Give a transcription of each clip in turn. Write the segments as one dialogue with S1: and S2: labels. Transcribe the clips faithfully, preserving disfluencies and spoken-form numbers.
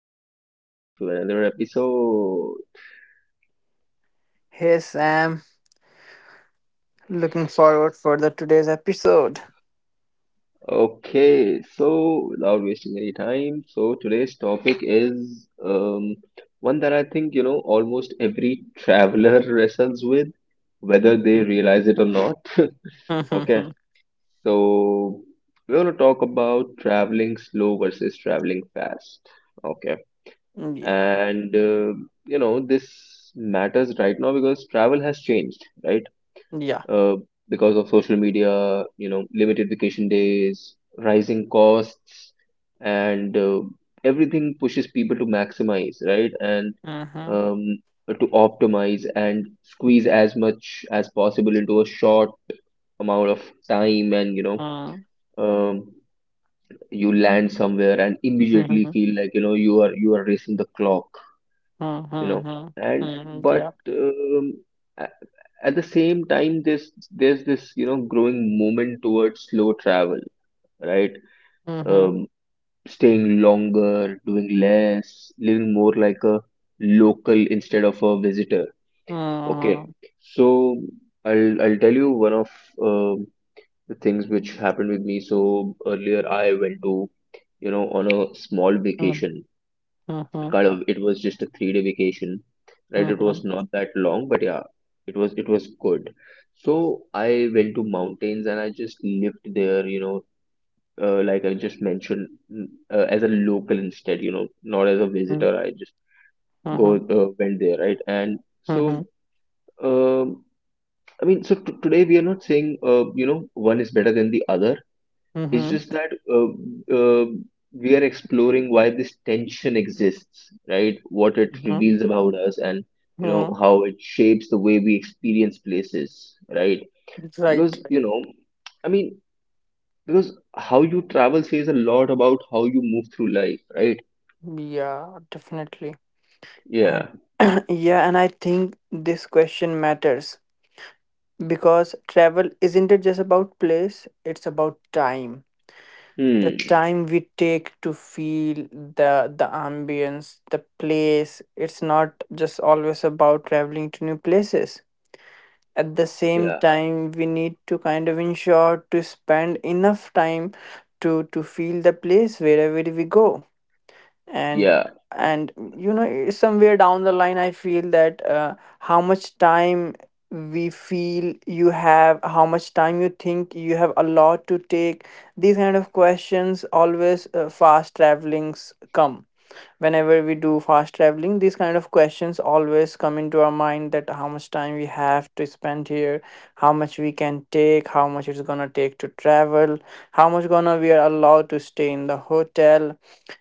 S1: welcome back to another episode.
S2: Hey Sam, looking forward for the today's episode.
S1: Okay, so without wasting any time, so today's topic is um, one that I think you know almost every traveler wrestles with, whether they realize it or not. Okay,
S2: Yeah,
S1: so we're gonna talk about traveling slow versus traveling fast. Okay, and uh, you know this matters right now because travel has changed, right?
S2: yeah.
S1: uh, because of social media, you know, limited vacation days, rising costs, and uh, everything pushes people to maximize, right? And
S2: Mhm,
S1: um, to optimize and squeeze as much as possible into a short amount of time. And you know
S2: mm,
S1: um, you land somewhere and immediately
S2: mhm,
S1: feel like you know you are you are racing the clock.
S2: mm,
S1: You know
S2: mhm,
S1: and
S2: mm, yeah.
S1: But um, at the same time, this there's this you know growing movement towards slow travel, right?
S2: Mhm,
S1: Um, Staying longer, doing less, living more like a local instead of a visitor. Okay, so I'll I'll tell you one of um the things which happened with me. So earlier I went to you know on a small vacation,
S2: mhm,
S1: kind of. It was just a three day vacation, right?
S2: mm,
S1: It was
S2: mhm,
S1: not that long, but yeah, it was it was good. So I went to mountains and I just lived there, you know uh, like I just mentioned, mm, uh, as a local instead, you know not as a visitor. I just
S2: mhm,
S1: go
S2: mm, mhm,
S1: uh, went there, right? And so
S2: mhm,
S1: um I mean, so t- today we are not saying uh, you know one is better than the other. It's
S2: mhm,
S1: just that uh, uh, we are exploring why this tension exists, right? What it
S2: mhm,
S1: reveals about us, and you know
S2: mhm.
S1: how it shapes the way we experience places, right?
S2: Right,
S1: Because you
S2: right.
S1: know, I mean, because how you travel says a lot about how you move through life, right?
S2: Yeah, definitely. And
S1: Yeah.
S2: yeah, and I think this question matters because travel isn't it just about place, it's about time,
S1: Hmm.
S2: the time we take to feel the the ambience, the place. It's not just always about traveling to new places. At the same
S1: Yeah.
S2: time, we need to kind of ensure to spend enough time to to feel the place wherever we go. and
S1: Yeah.
S2: and you know, somewhere down the line, I feel that uh, how much time we feel you have, how much time you think you have a lot to take. These kind of questions always uh, fast travelings come. Whenever we do fast traveling, these kind of questions always come into our mind: that how much time we have to spend here, how much we can take, how much it's gonna take to travel, how much gonna we are allowed to stay in the hotel.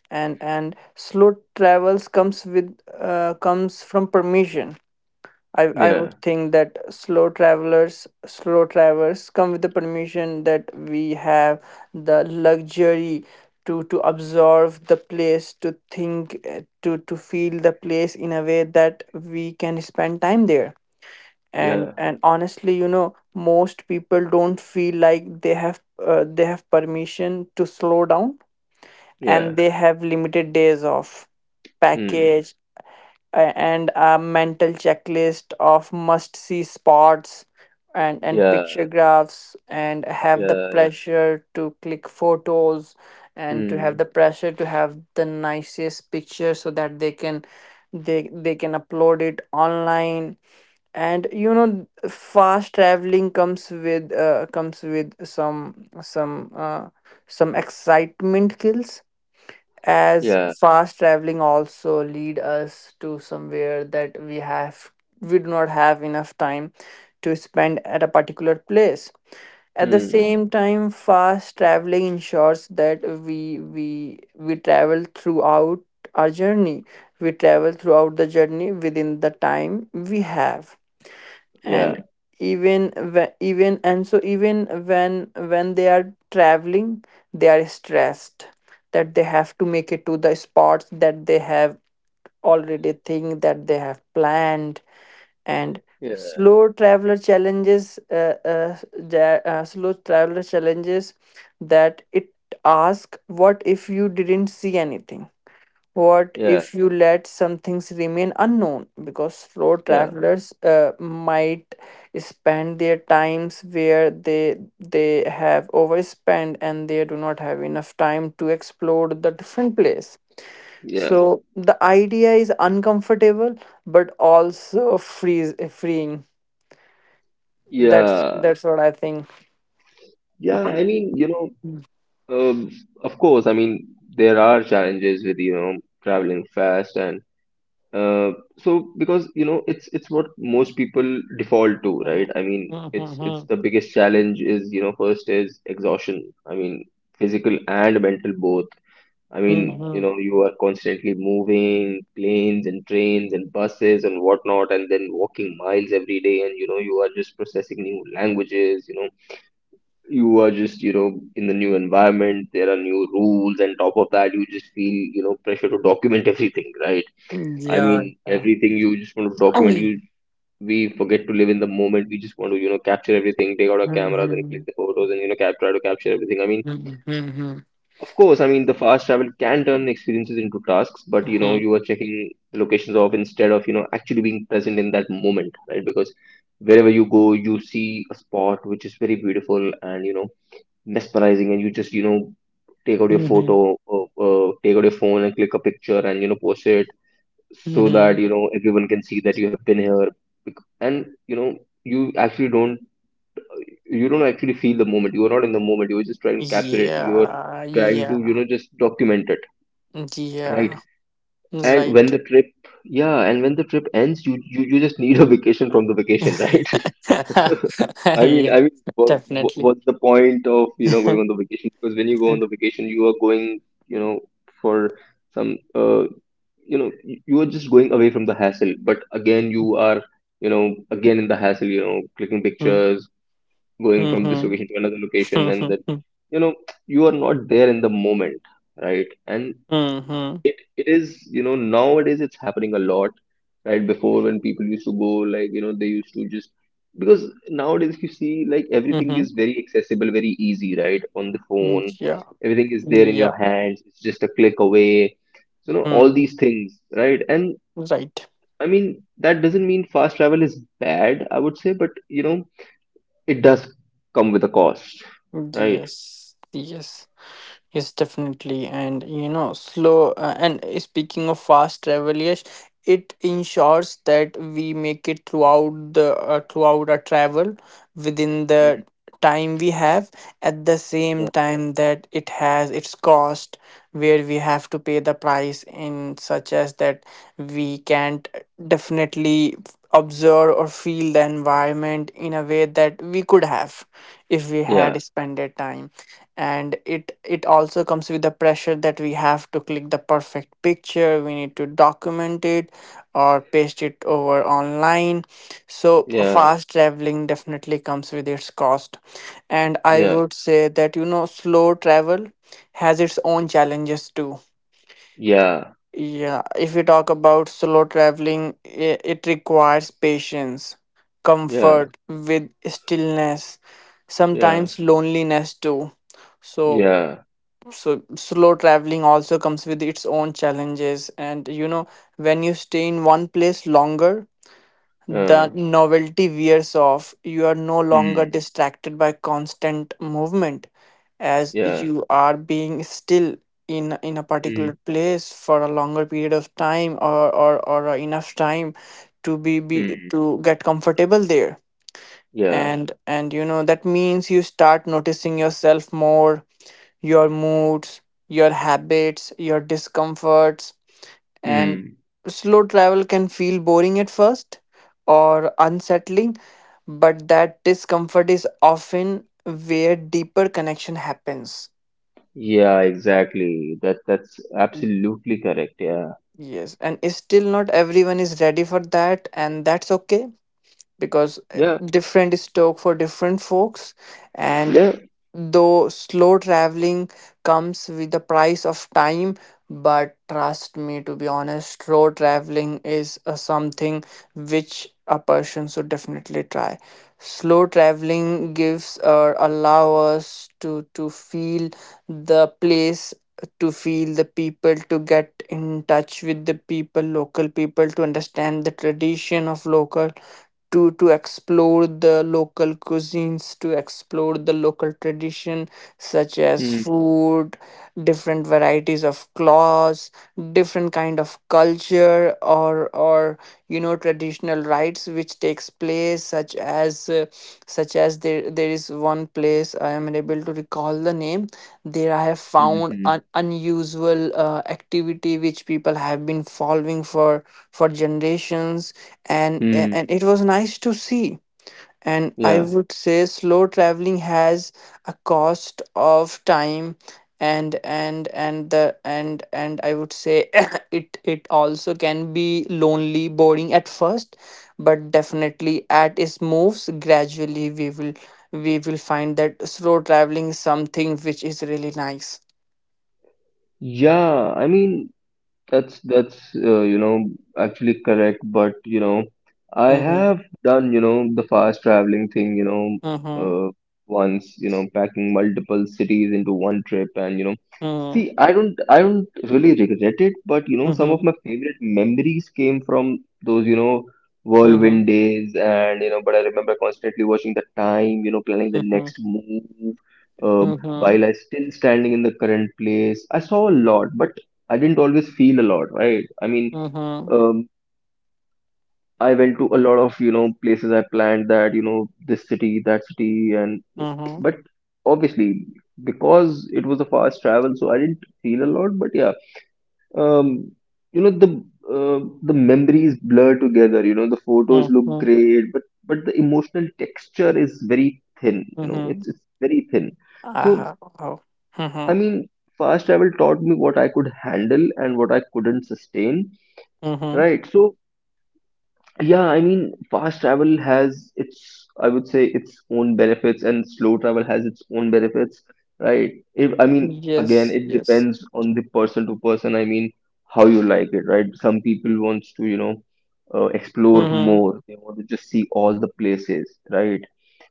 S2: And and slow travels comes with uh, comes from permission. I, I would
S1: Yeah.
S2: think that slow travelers slow travelers come with the permission that we have the luxury to to observe the place, to think, uh, to to feel the place in a way that we can spend time there. and
S1: Yeah.
S2: and honestly, you know, most people don't feel like they have uh, they have permission to slow down. And
S1: Yeah.
S2: they have limited days off,
S1: Hmm.
S2: package, a- and a mental checklist of must see spots, and and
S1: Yeah.
S2: picture graphs, and have the
S1: Yeah. Yeah.
S2: pressure to click photos, and to have
S1: Hmm.
S2: the pressure to have the nicest picture so that they can they they can upload it online. And you know, fast traveling comes with uh, comes with some some uh, some excitement kills, as
S1: Yeah.
S2: fast traveling also lead us to somewhere that we have we do not have enough time to spend at a particular place. At the
S1: Hmm.
S2: same time, fast traveling ensures that we we we travel throughout our journey, we travel throughout the journey within the time we have.
S1: Yeah.
S2: And even whe- even and so even when when they are traveling, they are stressed that they have to make it to the spots that they have already think that they have planned. And
S1: Yeah.
S2: slow traveler challenges uh, uh, the- uh, slow traveler challenges that it ask, what if you didn't see anything, what
S1: Yeah.
S2: if you let some things remain unknown? Because slow
S1: Yeah.
S2: travelers uh, might spend their times where they they have overspent and they do not have enough time to explore the different place.
S1: Yeah.
S2: So the idea is uncomfortable, but also frees freeing. That's
S1: Yeah.
S2: that's what I think.
S1: Yeah, I mean, you know, um, of course, I mean, there are challenges with, you know, traveling fast, and uh, so because, you know, it's it's what most people default to, right?
S2: Mhm.
S1: I mean, it's it's
S2: Mhm.
S1: the biggest challenge is, you know, first is exhaustion. I mean, physical and mental both. I mean, you
S2: Mhm.
S1: know, you are constantly moving, planes and trains and buses and whatnot, and then walking miles every day, and you know, you are just processing new languages, you know you are just you know in the new environment, there are new rules, and top of that you just feel you know pressure to document everything, right? I mean,
S2: Yeah,
S1: everything you just want to document.
S2: yeah.
S1: You We forget to live in the moment. We just want to you know capture everything, take out our cameras and click
S2: Mhm.
S1: the photos, and you know cap- try to capture everything. I mean,
S2: Mhm.
S1: of course, I mean the fast travel can turn experiences into tasks, but you know
S2: Mhm.
S1: you are checking the locations off instead of you know actually being present in that moment, right? Because wherever you go you see a spot which is very beautiful and, you know mesmerizing, and you just you know take out your
S2: Mm-hmm.
S1: photo or, uh, take out your phone and click a picture and you know post it, so that
S2: Mm-hmm.
S1: you know everyone can see that you have been here. Bec- and you know you actually don't you don't actually feel the moment. You are not in the moment. You are just trying to capture it. You are
S2: Yeah,
S1: trying to you
S2: yeah,
S1: know just document it, right?
S2: yeah,
S1: and when
S2: right.
S1: the trip yeah and when the trip ends, you you, you just need a vacation from the vacation, right? I mean,
S2: Yeah,
S1: I mean, what,
S2: definitely.
S1: what's the point of you know
S2: Mm-hmm.
S1: going on the vacation? Because when you go on the vacation, you are going, you know, for some, uh, you know, you you are just going away from the hassle. But again, you are, you know, again in the hassle. You know, clicking pictures, going from this
S2: Mm-hmm.
S1: location to another location, and then, you know, you are not there in the moment, right? And
S2: Mm-hmm.
S1: it it is you know nowadays it's happening a lot, right? Before, when people used to go, like, you know they used to just, because nowadays you see, like, everything
S2: Mm-hmm.
S1: is very accessible, very easy, right, on the phone.
S2: Yeah,
S1: Everything is there in your
S2: yeah,
S1: hands. It's just a click away, so you know all
S2: mm,
S1: these things, right? And
S2: right.
S1: I mean, that doesn't mean fast travel is bad, I would say, but you know it does come with a cost, right?
S2: Yes, yes. Yes, definitely. And you know, slow uh, and uh, speaking of fast travel, yes, it ensures that we make it throughout the uh, throughout our travel within
S1: Mm.
S2: the time we have. At the same
S1: Yeah.
S2: time, that it has its cost, where we have to pay the price in such as that we can't definitely observe or feel the environment in a way that we could have if we
S1: Yeah.
S2: had spent that time. And it it also comes with the pressure that we have to click the perfect picture, we need to document it or paste it over online. So
S1: Yeah.
S2: fast traveling definitely comes with its cost. And I
S1: Yeah.
S2: would say that, you know, slow travel has its own challenges too.
S1: Yeah.
S2: Yeah, if we talk about slow traveling, i- it requires patience,
S1: Yeah.
S2: comfort with stillness,
S1: Yeah.
S2: sometimes loneliness too. so
S1: Yeah.
S2: so slow traveling also comes with its own challenges. And you know, when you stay in one place longer,
S1: Uh,
S2: the novelty wears off. You are no longer
S1: mm.
S2: distracted by constant movement, as
S1: Yeah.
S2: you are being still in in a
S1: Mm.
S2: particular place for a longer period of time, or or, or enough time to be, be
S1: Mm.
S2: to get comfortable there.
S1: Yeah.
S2: And and you know, that means you start noticing yourself more, your moods, your habits, your discomforts. And
S1: Mm.
S2: slow travel can feel boring at first or unsettling, but that discomfort is often where deeper connection happens.
S1: Yeah, exactly. That that's absolutely correct. Yeah,
S2: Yes, and still not everyone is ready for that, and that's okay because uh,
S1: yeah,
S2: different is talk for different folks. And
S1: yeah.
S2: though slow traveling comes with the price of time, but trust me, to be honest, slow traveling is uh, something which a person should definitely try. Slow traveling gives or allow us to to feel the place, to feel the people, to get in touch with the people, local people, to understand the tradition of local, to to explore the local cuisines, to explore the local tradition, such as
S1: Mm,
S2: food, different varieties of clothes, different kind of culture, or or you know, traditional rites which takes place, such as uh, such as there there is one place I am unable to recall the name. There, I have
S1: mm,
S2: found
S1: mm,
S2: an unusual uh, activity which people have been following for for generations, and
S1: mm,
S2: and it was nice to see. And I
S1: yeah,
S2: would say slow traveling has a cost of time. And and and the and and I would say, it it also can be lonely, boring at first, but definitely at its moves gradually, we will we will find that slow traveling is something which is really nice.
S1: yeah. I mean, that's that's uh, you know actually correct. But you know, I
S2: Mm-hmm.
S1: have done you know the fast traveling thing. You know,
S2: Mm-hmm.
S1: uh, once you know packing multiple cities into one trip, and you know
S2: Mm-hmm.
S1: see, I don't, I don't really regret it, but you know, some
S2: Mm-hmm.
S1: of my favorite memories came from those, you know,
S2: Mm-hmm.
S1: whirlwind days, and you know, but I remember constantly watching the time, you know, planning the
S2: Mm-hmm.
S1: next move, uh,
S2: Mm-hmm.
S1: while I still standing in the current place. I saw a lot, but I didn't always feel a lot, right? I mean,
S2: Mm-hmm.
S1: um, I went to a lot of, you know, places I planned, that, you know, this city, that city, and
S2: Mm-hmm.
S1: but obviously because it was a fast travel, so I didn't feel a lot, but yeah, um, you know the uh, the memories blur together, you know the photos look
S2: Mm-hmm.
S1: great, but but the emotional texture is very thin, you know
S2: Mm-hmm.
S1: it's it's very thin. So
S2: Ah, wow.
S1: I
S2: Mhm,
S1: mean, fast travel taught me what I could handle and what I couldn't sustain,
S2: mhm.
S1: right? So yeah, I mean, fast travel has its, I would say, its own benefits, and slow travel has its own benefits, right? If, I mean, again,
S2: Yes,
S1: it
S2: yes.
S1: depends on the person to person. I mean, how you like it, right? Some people wants to, you know, uh, explore
S2: Mhm,
S1: more. They want to just see all the places, right?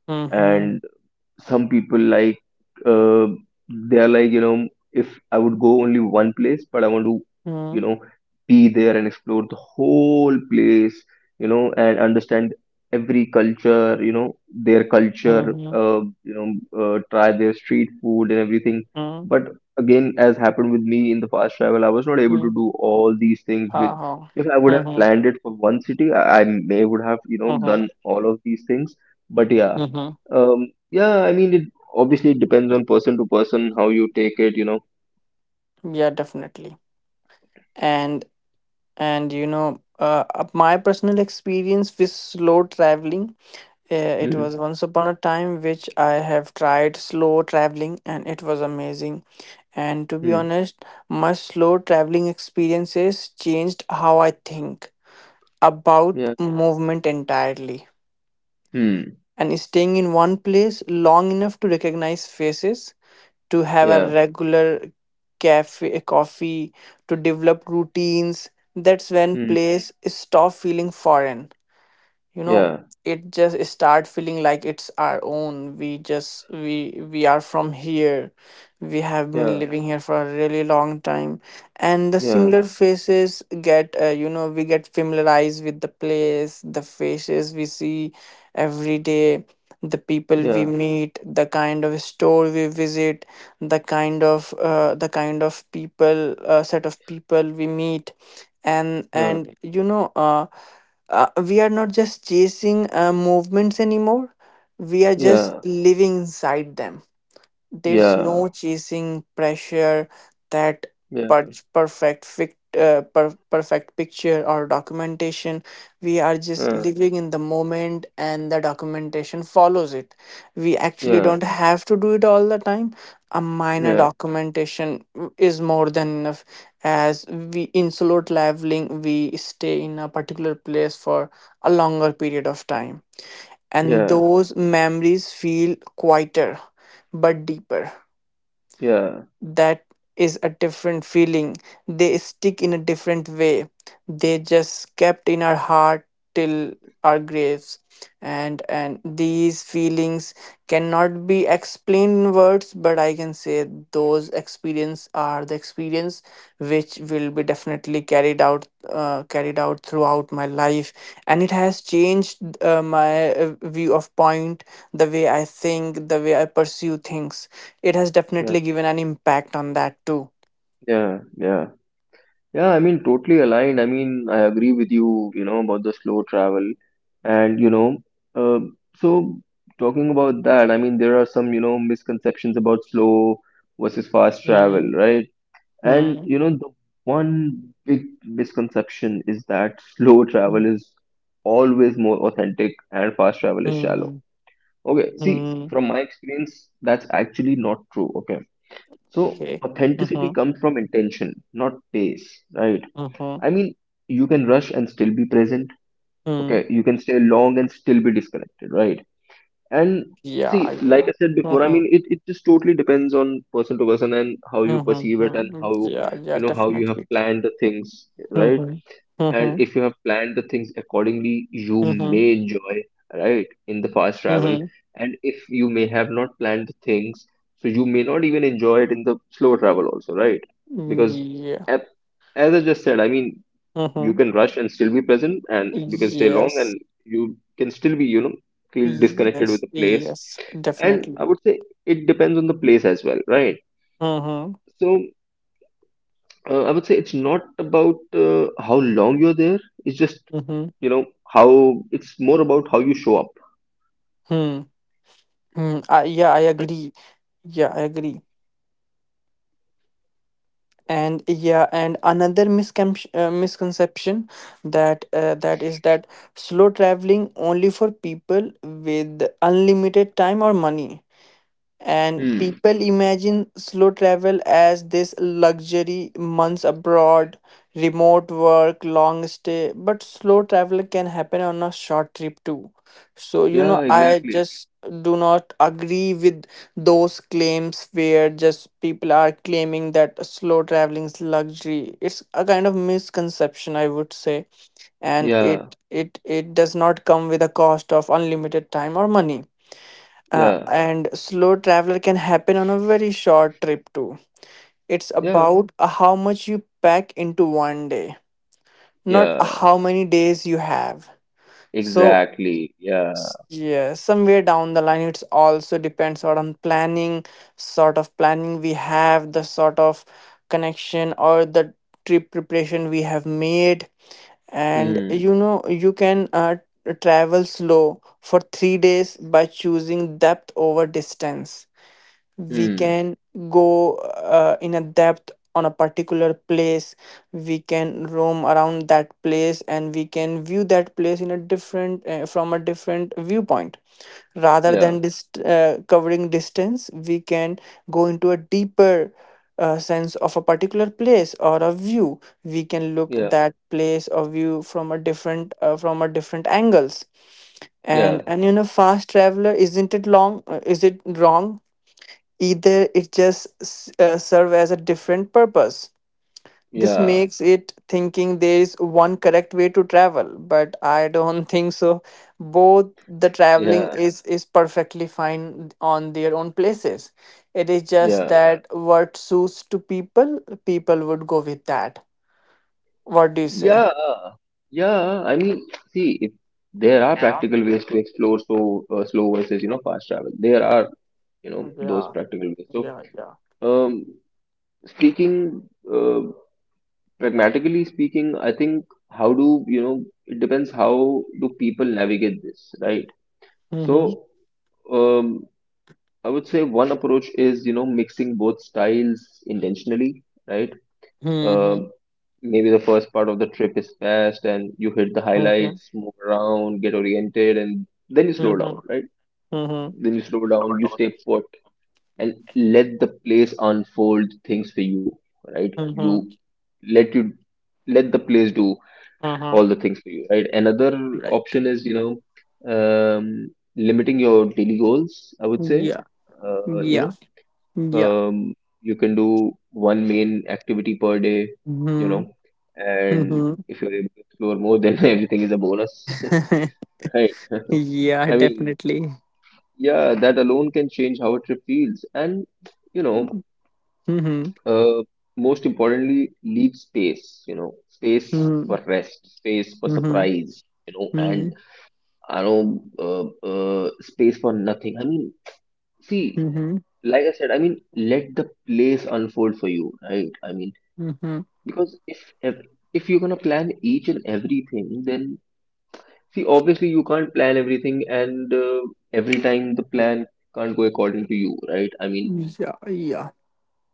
S2: mhm,
S1: And some people like, uh, they are like, you know if I would go only one place, but I want to you
S2: mhm,
S1: know be there and explore the whole place, you know, and understand every culture, you know, their culture,
S2: mhm,
S1: uh, you know, uh, try their street food and everything.
S2: mhm,
S1: But again, as happened with me in the fast travel, I was not able to
S2: mhm.
S1: do all these things, which
S2: Ah,
S1: if I would have
S2: mhm,
S1: planned it for one city, I, I may would have you know
S2: mhm,
S1: done all of these things. But yeah.
S2: mhm.
S1: um, yeah, I mean, it obviously depends on person to person, how you take it, you know.
S2: Yeah, definitely. And and you know, uh, uh, my personal experience with slow traveling, uh, it
S1: Hmm.
S2: was once upon a time which I have tried slow traveling, and it was amazing. And to be
S1: Hmm.
S2: honest, my slow traveling experiences changed how I think about
S1: Yeah.
S2: movement entirely,
S1: Hmm.
S2: and staying in one place long enough to recognize faces, to have a
S1: Yeah.
S2: regular cafe coffee, to develop routines. That's when
S1: Hmm.
S2: place stop feeling foreign. You know,
S1: Yeah.
S2: it just start feeling like it's our own. We just we we are from here, we have been
S1: Yeah.
S2: living here for a really long time. And the
S1: Yeah.
S2: similar faces get uh, you know, we get familiarized with the place, the faces we see every day, the people we
S1: Yeah.
S2: meet, the kind of store we visit, the kind of uh, the kind of people uh, set of people we meet. and
S1: Uh,
S2: and you know, uh, uh, we are not just chasing uh, movements anymore, we are just
S1: yeah.
S2: living inside them. There's
S1: Yeah.
S2: no chasing pressure, that
S1: Yeah.
S2: per- perfect fic- uh, per- perfect picture or documentation. We are just
S1: Uh,
S2: living in the moment, and the documentation follows it. We actually
S1: yeah.
S2: don't have to do it all the time. A minor
S1: Yeah.
S2: documentation is more than enough. As we in slow traveling, we stay in a particular place for a longer period of time, and
S1: Yeah.
S2: those memories feel quieter but deeper.
S1: Yeah.
S2: That is a different feeling. They stick in a different way. They just kept in our heart till our graves. And and these feelings cannot be explained in words, but I can say those experience are the experience which will be definitely carried out uh, carried out throughout my life. And it has changed uh, my uh, view of point, the way I think, the way I pursue things. It has
S1: Yeah.
S2: definitely given an impact on that too.
S1: Yeah. Yeah. Yeah. I mean, totally aligned. I mean, I agree with you, you know, about the slow travel, and you know, uh, so talking about that, I mean, there are some, you know, misconceptions about slow versus fast travel,
S2: Mm,
S1: right? And
S2: mm,
S1: you know, the one big misconception is that slow
S2: mm,
S1: travel is always more authentic and fast travel is shallow.
S2: mm,
S1: Okay, see,
S2: mm.
S1: from my experience, that's actually not true. Okay, so
S2: Okay.
S1: authenticity
S2: Mm-hmm,
S1: comes from intention, not pace, right?
S2: mm-hmm,
S1: I mean, you can rush and still be present.
S2: mm.
S1: Okay, you can stay long and still be disconnected, right? And see,
S2: Yeah,
S1: like
S2: yeah.
S1: I said before, I
S2: Mm-hmm,
S1: mean, it, it just totally depends on person to person and how you perceive
S2: mm-hmm,
S1: it and
S2: mm.
S1: how,
S2: Yeah,
S1: you
S2: yeah,
S1: know, how you have
S2: definitely.
S1: planned the things, right?
S2: Mm-hmm,
S1: And
S2: mm-hmm,
S1: if you have planned the things accordingly, you
S2: mm-hmm,
S1: may enjoy, right, in the fast travel.
S2: mm-hmm.
S1: And if you may have not planned the things, so you may not even enjoy it in the slow travel also, right? Because
S2: Yeah.
S1: at, as I just said, I mean, you
S2: Mm-hmm.
S1: can rush and still be present, and you can stay long
S2: Yes,
S1: and you can still be, you know, feel disconnected with
S2: yes,
S1: the place.
S2: yes,
S1: And I
S2: definitely.
S1: would say it depends on the place as well, right?
S2: Mm-hmm,
S1: So uh, I would say it's not about uh, how long you're there, it's just
S2: mm-hmm.
S1: you know how it's more about how you show up.
S2: Hmm. I, yeah, I agree. Yeah, I agree. And yeah, and another miscon- uh, misconception, that uh, that is that slow traveling only for people with unlimited time or money. And
S1: Hmm.
S2: people imagine slow travel as this luxury, months abroad, remote work, long stay. But slow travel can happen on a short trip too. So, you
S1: Yeah,
S2: know, I
S1: exactly.
S2: just do not agree with those claims where just people are claiming that slow traveling is luxury. It's a kind of misconception, I would say. And it
S1: yeah,
S2: it it does not come with a cost of unlimited time or money, uh,
S1: yeah,
S2: and slow traveler can happen on a very short trip too. It's
S1: yeah,
S2: about uh, how much you pack into one day, not
S1: yeah,
S2: how many days you have. So
S1: exactly, yeah.
S2: s- yeah, somewhere down the line, it's also depends on planning, sort of planning we have, the sort of connection or the trip preparation we have made. And
S1: Hmm.
S2: you know you can uh, travel slow for three days by choosing depth over distance. We
S1: Hmm.
S2: can go uh, in a depth on a particular place. We can roam around that place and we can view that place in a different uh, from a different viewpoint. Rather
S1: Yeah,
S2: than dist- uh, covering distance, we can go into a deeper uh, sense of a particular place or a view. We can look
S1: yeah,
S2: that place or view from a different uh, from a different angles. and
S1: yeah,
S2: and you know fast traveler isn't it long uh, is it wrong, either? It just s- uh, serve as a different purpose. This
S1: yeah,
S2: makes it thinking there is one correct way to travel, but I don't think so. Both the traveling
S1: yeah,
S2: is is perfectly fine on their own places. It is just
S1: yeah,
S2: that what suits to people, people would go with that. What do you say?
S1: yeah, yeah. I mean, see, if there are practical ways to explore, so uh, slow versus, you know, fast travel, there are, you know, those practical ways. So um speaking uh, pragmatically speaking, I think how do, you know, it depends how do people navigate this, right? So
S2: Mm-hmm.
S1: um I would say one approach is, you know, mixing both styles intentionally, right? um
S2: Mm-hmm.
S1: Maybe the first part of the trip is fast and you hit the
S2: Mm-hmm.
S1: highlights, move around, get oriented, and then you slow down,
S2: Mm-hmm.
S1: right?
S2: Mm-hmm.
S1: Then you slow down, you stay put and let the place unfold things for you, right? You
S2: Mm-hmm.
S1: let you, let the place do
S2: Mm-hmm.
S1: all the things for you, right? Another
S2: Right.
S1: option is, you know, um, limiting your daily goals, I would say,
S2: Yeah,
S1: uh, you
S2: yeah,
S1: know,
S2: yeah.
S1: um, you can do one main activity per day, you know,
S2: Mm-hmm.
S1: and if you're able to explore more, then everything is a bonus. Right?
S2: Yeah,
S1: I mean,
S2: definitely.
S1: yeah, that alone can change how a trip feels, and you know,
S2: Mm-hmm. Mm-hmm.
S1: uh, most importantly, leave space, you know, space for rest, space for
S2: Mm-hmm.
S1: surprise, you know, and I know uh, uh, space for nothing. I mean, see,
S2: Mm-hmm.
S1: like I said, I mean, let the place unfold for you, right? I mean,
S2: Mm-hmm.
S1: because if if, if you're gonna plan each and everything, then see, obviously you can't plan everything, and uh, every time the plan can't go according to you, right? I mean,
S2: Yeah, yeah.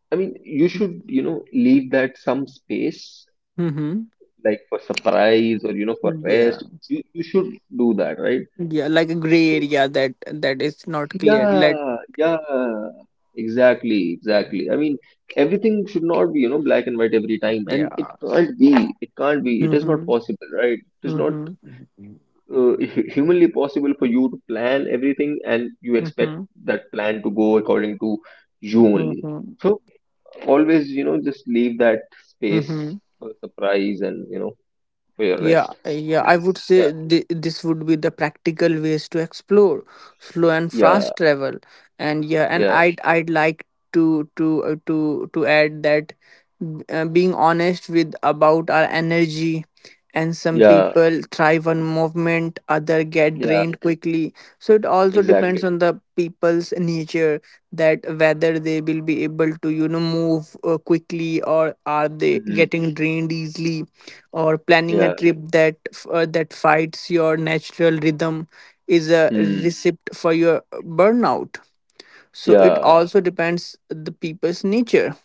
S1: I mean, you should, you know, leave that some space,
S2: Mm-hmm.
S1: like for surprise or you know for
S2: Yeah.
S1: rest, you, you should do that, right?
S2: Yeah, like a gray
S1: So
S2: area that that is not clear. Let
S1: yeah, yeah, exactly, exactly. I mean, everything should not be, you know, black and white every time, and it
S2: yeah.
S1: can't be, it can't be it is not
S2: Mm-hmm.
S1: possible, right? It is not
S2: Mm-hmm.
S1: uh, humanly possible for you to plan everything and you expect
S2: Mm-hmm.
S1: that plan to go according to you only.
S2: Mm-hmm.
S1: So always, you know, just leave that space
S2: Mm-hmm.
S1: for surprise, and you know, for your
S2: Yeah,
S1: rest.
S2: yeah, I
S1: Yes.
S2: would
S1: Yeah,
S2: say th- this would be the practical ways to explore slow and
S1: yeah.
S2: fast travel. And yeah, and
S1: Yeah,
S2: I'd I'd like to to uh, to to add that uh, being honest with about our energy, and some
S1: yeah,
S2: people thrive on movement, other get
S1: yeah,
S2: drained quickly. So it also
S1: exactly.
S2: depends on the people's nature, that whether they will be able to you know move uh, quickly, or are they
S1: Mm.
S2: getting drained easily, or planning a
S1: Yeah,
S2: trip that uh, that fights your natural rhythm is a
S1: mm,
S2: recipe for your burnout. So it
S1: yeah,
S2: also depends the people's nature.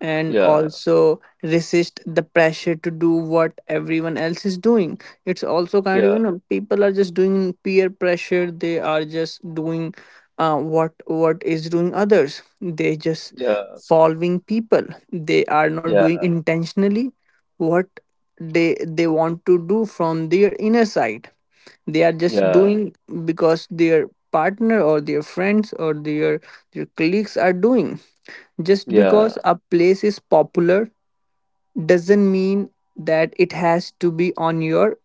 S2: And
S1: yeah,
S2: also resist the pressure to do what everyone else is doing. It's also kind of,
S1: yeah,
S2: you know people are just doing peer pressure. They are just doing uh, what what is doing others, they just
S1: yeah,
S2: following people. They are not
S1: yeah,
S2: doing intentionally what they they want to do from their inner side. They are just
S1: yeah,
S2: doing because their partner or their friends or their their colleagues are doing. Just
S1: yeah,
S2: because a place is popular doesn't mean that it has to be on your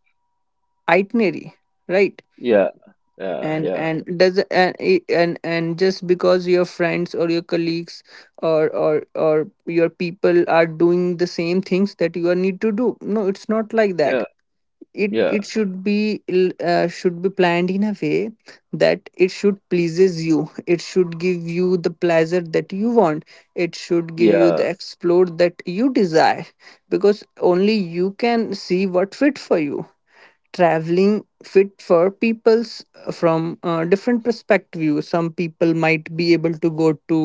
S2: itinerary, right?
S1: yeah, yeah,
S2: And
S1: yeah,
S2: and does and it- and and just because your friends or your colleagues or or or your people are doing the same things that you are need to do, no, it's not like
S1: yeah,
S2: that. It
S1: yeah,
S2: it should be l- uh, should be planned in a way that it should pleases you, it should give you the pleasure that you want, it should give you
S1: yeah,
S2: the explore that you desire, because only you can see what fit for you. Traveling fit for people's uh, from uh, different perspective. Some people might be able to go to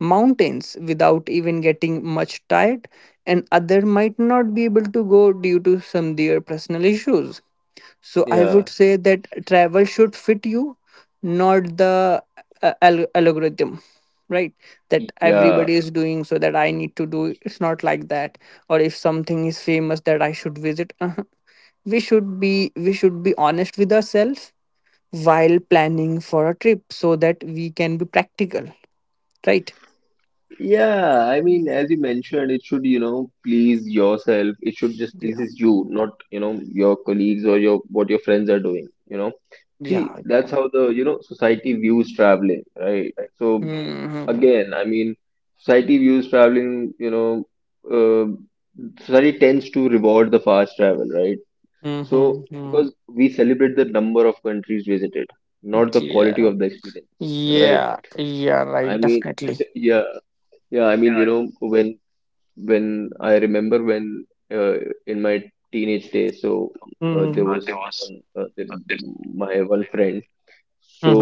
S2: mountains without even getting much tired, and other might not be able to go due to some their personal issues. So I
S1: yeah,
S2: would say that travel should fit you, not the uh, al- algorithm, right? That
S1: yeah,
S2: everybody is doing, so that I need to do. It's not like that. Or if something is famous that I should visit, uh, we should be we should be honest with ourselves while planning for a trip, so that we can be practical, right?
S1: yeah. I mean, as you mentioned, it should, you know, please yourself. It should just
S2: Yeah.
S1: pleases you, not, you know, your colleagues or your what your friends are doing, you know. See,
S2: Yeah.
S1: that's how the, you know, society views traveling, right? So
S2: Hmm.
S1: again, I mean, society views traveling, you know, uh, society tends to reward the fast travel, right? So
S2: Hmm.
S1: because we celebrate the number of countries visited, not the quality
S2: Yeah.
S1: of the experience, right?
S2: Yeah. Yeah. Right.
S1: I mean,
S2: Definitely.
S1: yeah, yeah, I mean, you know, when when I remember when uh, in my teenage days, so uh, there
S2: Hmm.
S1: was one uh, there, my one friend, so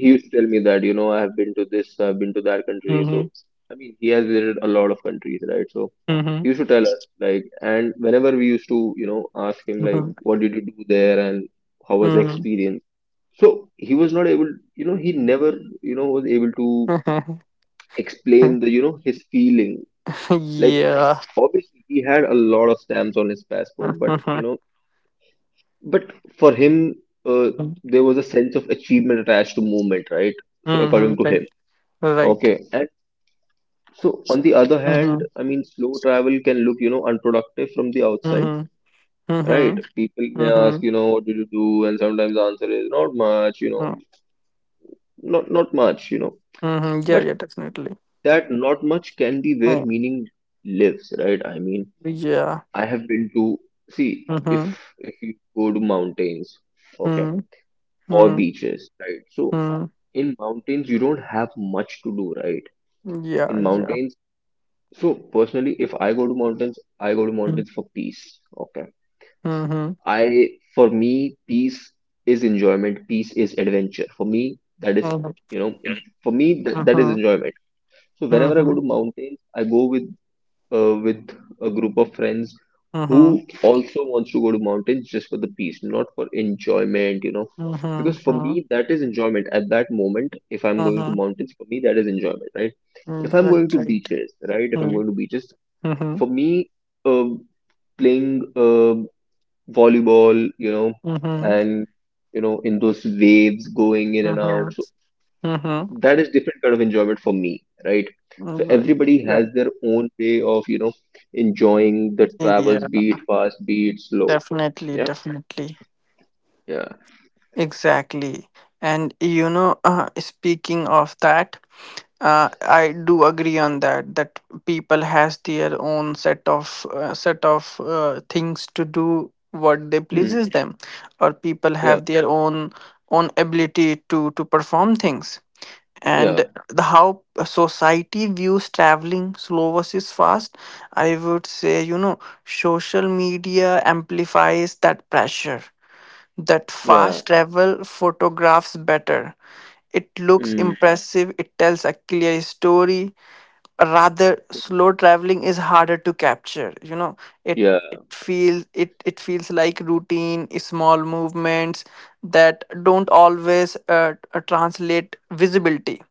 S1: he used to tell me that, you know, I have been to this, I've been to that country. So
S2: Mhm,
S1: I mean, he has visited a lot of countries, right? So
S2: mhm,
S1: he used to tell us, like, and whenever we used to, you know, ask him, like,
S2: mhm,
S1: what did you do there and how was the
S2: mhm.
S1: experience? So he was not able, you know, he never, you know, was able to explain the, you know, his feeling. Like,
S2: Yeah.
S1: obviously, he had a lot of stamps on his passport, but,
S2: Mhm,
S1: you know, but for him, uh,
S2: mhm,
S1: there was a sense of achievement attached to movement, right? So
S2: mhm,
S1: according to
S2: right,
S1: him.
S2: right.
S1: Okay, and so on the other hand,
S2: Mhm,
S1: I mean, slow travel can look, you know, unproductive from the outside,
S2: mhm,
S1: right?
S2: mhm,
S1: People may ask,
S2: mhm,
S1: you know, what did you do? And sometimes the answer is not much, you know,
S2: mm,
S1: not not much, you know.
S2: mhm. Yeah,
S1: But
S2: yeah, definitely.
S1: that not much can be where
S2: Oh.
S1: meaning lives, right? I mean,
S2: Yeah.
S1: I have been to, see if
S2: Mhm,
S1: if you go to mountains, okay,
S2: mm,
S1: or
S2: mm,
S1: beaches, right? So
S2: mm.
S1: in mountains, you don't have much to do, right?
S2: Yeah,
S1: In
S2: yeah.
S1: mountains, so personally, if I go to mountains, I go to
S2: Mm,
S1: mountains for peace. Okay.
S2: mhm,
S1: I, for me, peace is enjoyment. Peace is adventure. For me, that is,
S2: mhm,
S1: you know, en- for me, that, that is
S2: mhm,
S1: enjoyment. So whenever I go
S2: mhm,
S1: to mountains, I go with uh, with a group of friends
S2: mhm,
S1: who also wants to go to mountains just for the peace, not for enjoyment, you know.
S2: mhm,
S1: Because for
S2: mhm,
S1: me, that is enjoyment at that moment. If I'm going to
S2: mhm.
S1: mountains, for me, that is enjoyment, right? If
S2: Mm.
S1: I'm going
S2: Right,
S1: to
S2: right.
S1: beaches, right? If I'm
S2: Mm.
S1: going to beaches,
S2: Mhm,
S1: for me, uh, playing uh, volleyball, you know,
S2: mhm,
S1: and you know, in those waves going in and out,
S2: mhm,
S1: so
S2: mhm.
S1: that is different kind of enjoyment for me, right? So
S2: Right,
S1: everybody has
S2: right.
S1: their own way of, you know, enjoying the travels,
S2: Yeah.
S1: be it fast, be it slow.
S2: Definitely,
S1: Yeah,
S2: definitely.
S1: yeah,
S2: Exactly. And you know, uh, speaking of that, uh, I do agree on that that people has their own set of uh, set of uh, things to do what they
S1: mm,
S2: pleases them, or people
S1: yeah,
S2: have their own own ability to to perform things. And
S1: yeah,
S2: the how society views traveling slow versus fast, I would say, you know, social media amplifies that pressure that
S1: yeah,
S2: fast travel photographs better. It looks
S1: mm,
S2: impressive, it tells a clear story. Rather,
S1: mm,
S2: slow traveling is harder to capture. You know, it
S1: yeah,
S2: it feels it it feels like routine, small movements that don't always uh, uh, translate visibility,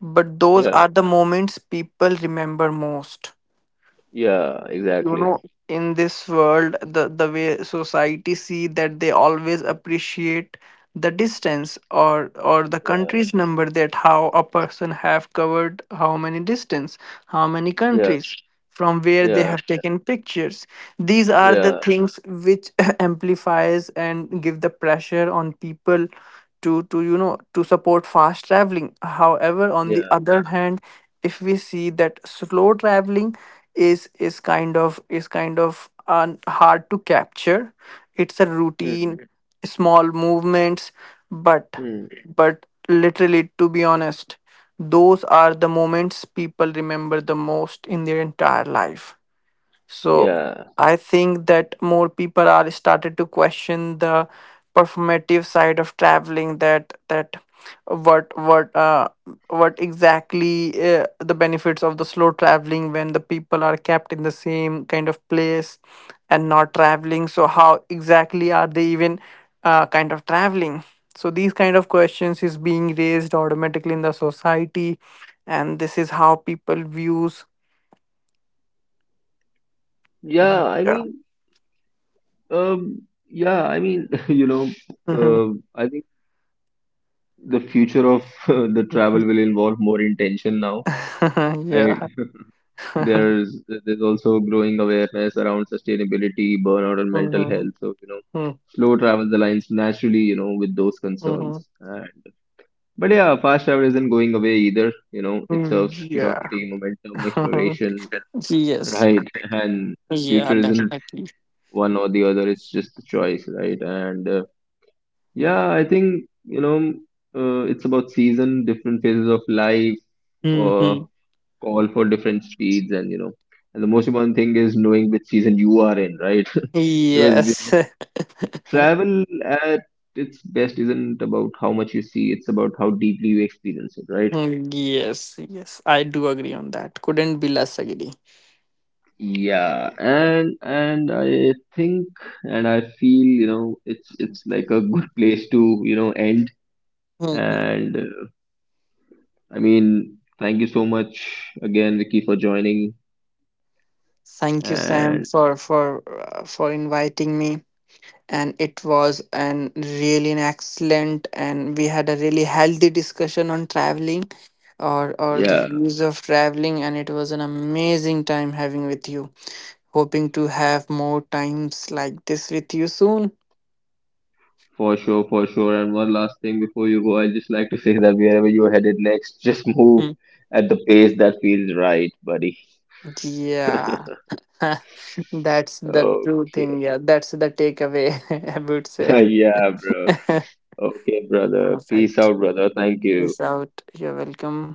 S2: but those
S1: yeah,
S2: are the moments people remember most.
S1: yeah, exactly.
S2: In this world, the the way society see that, they always appreciate the distance or or the
S1: Yeah,
S2: country's number, that how a person have covered how many distance, how many
S1: yeah,
S2: countries, from where they
S1: yeah,
S2: have taken pictures. These are the
S1: yeah,
S2: things which amplifies and give the pressure on people to to you know to support fast traveling. However, on the
S1: yeah,
S2: other hand, if we see that slow traveling is is kind of is kind of un, hard to capture. It's a
S1: mm,
S2: routine, small movements, but
S1: mm,
S2: but literally to be honest, those are the moments people remember the most in their entire life. So
S1: yeah.
S2: I think that more people are started to question the performative side of traveling, that that what what uh, what exactly uh, the benefits of the slow traveling when the people are kept in the same kind of place and not traveling, so how exactly are they even uh, kind of traveling? So these kind of questions is being raised automatically in the society, and this is how people views.
S1: Yeah, I
S2: Yeah.
S1: mean, Um, yeah, I mean, you know, uh, I think the future of the travel will involve more intention now. I,
S2: Yeah.
S1: there's there's also growing awareness around sustainability, burnout, and mental
S2: Mhm.
S1: health. So, you know,
S2: Mm,
S1: slow travel aligns naturally, you know, with those
S2: mhm.
S1: concerns. And but yeah, fast travel isn't going away either. You know, it
S2: Mm.
S1: serves
S2: Yeah.
S1: curiosity, momentum, exploration,
S2: Yes.
S1: right? And
S2: Yeah,
S1: future isn't
S2: definitely.
S1: one or the other. It's just the choice, right? And uh, yeah, I think, you know, uh, it's about season, different phases of life,
S2: Hmm.
S1: or call for different speeds, and you know, and the most important thing is knowing which season you are in, right? Because you
S2: Yes.
S1: know, travel at its best isn't about how much you see, it's about how deeply you experience it, right?
S2: Mm. Yes. Yes. I do agree on that. Couldn't be less agree.
S1: Yeah, and and I think and I feel, you know, it's it's like a good place to, you know, end.
S2: Mhm.
S1: And I mean, thank you so much again, Vicky, for joining.
S2: Thank you, Sam,
S1: And
S2: for for uh, for inviting me. And it was an really an excellent, and we had a really healthy discussion on traveling or or the
S1: yeah,
S2: views of traveling, and it was an amazing time having with you. Hoping to have more times like this with you soon.
S1: for sure, for sure. And one last thing before you go, I'd just like to say that wherever you're headed next, just move
S2: Mm.
S1: at the pace that feels right, buddy.
S2: Yeah. That's the true
S1: Okay.
S2: thing, yeah, that's the takeaway, I would say.
S1: Yeah, bro. Okay, brother.
S2: All
S1: Peace
S2: right.
S1: out, brother. Thank you.
S2: Peace out, you're welcome.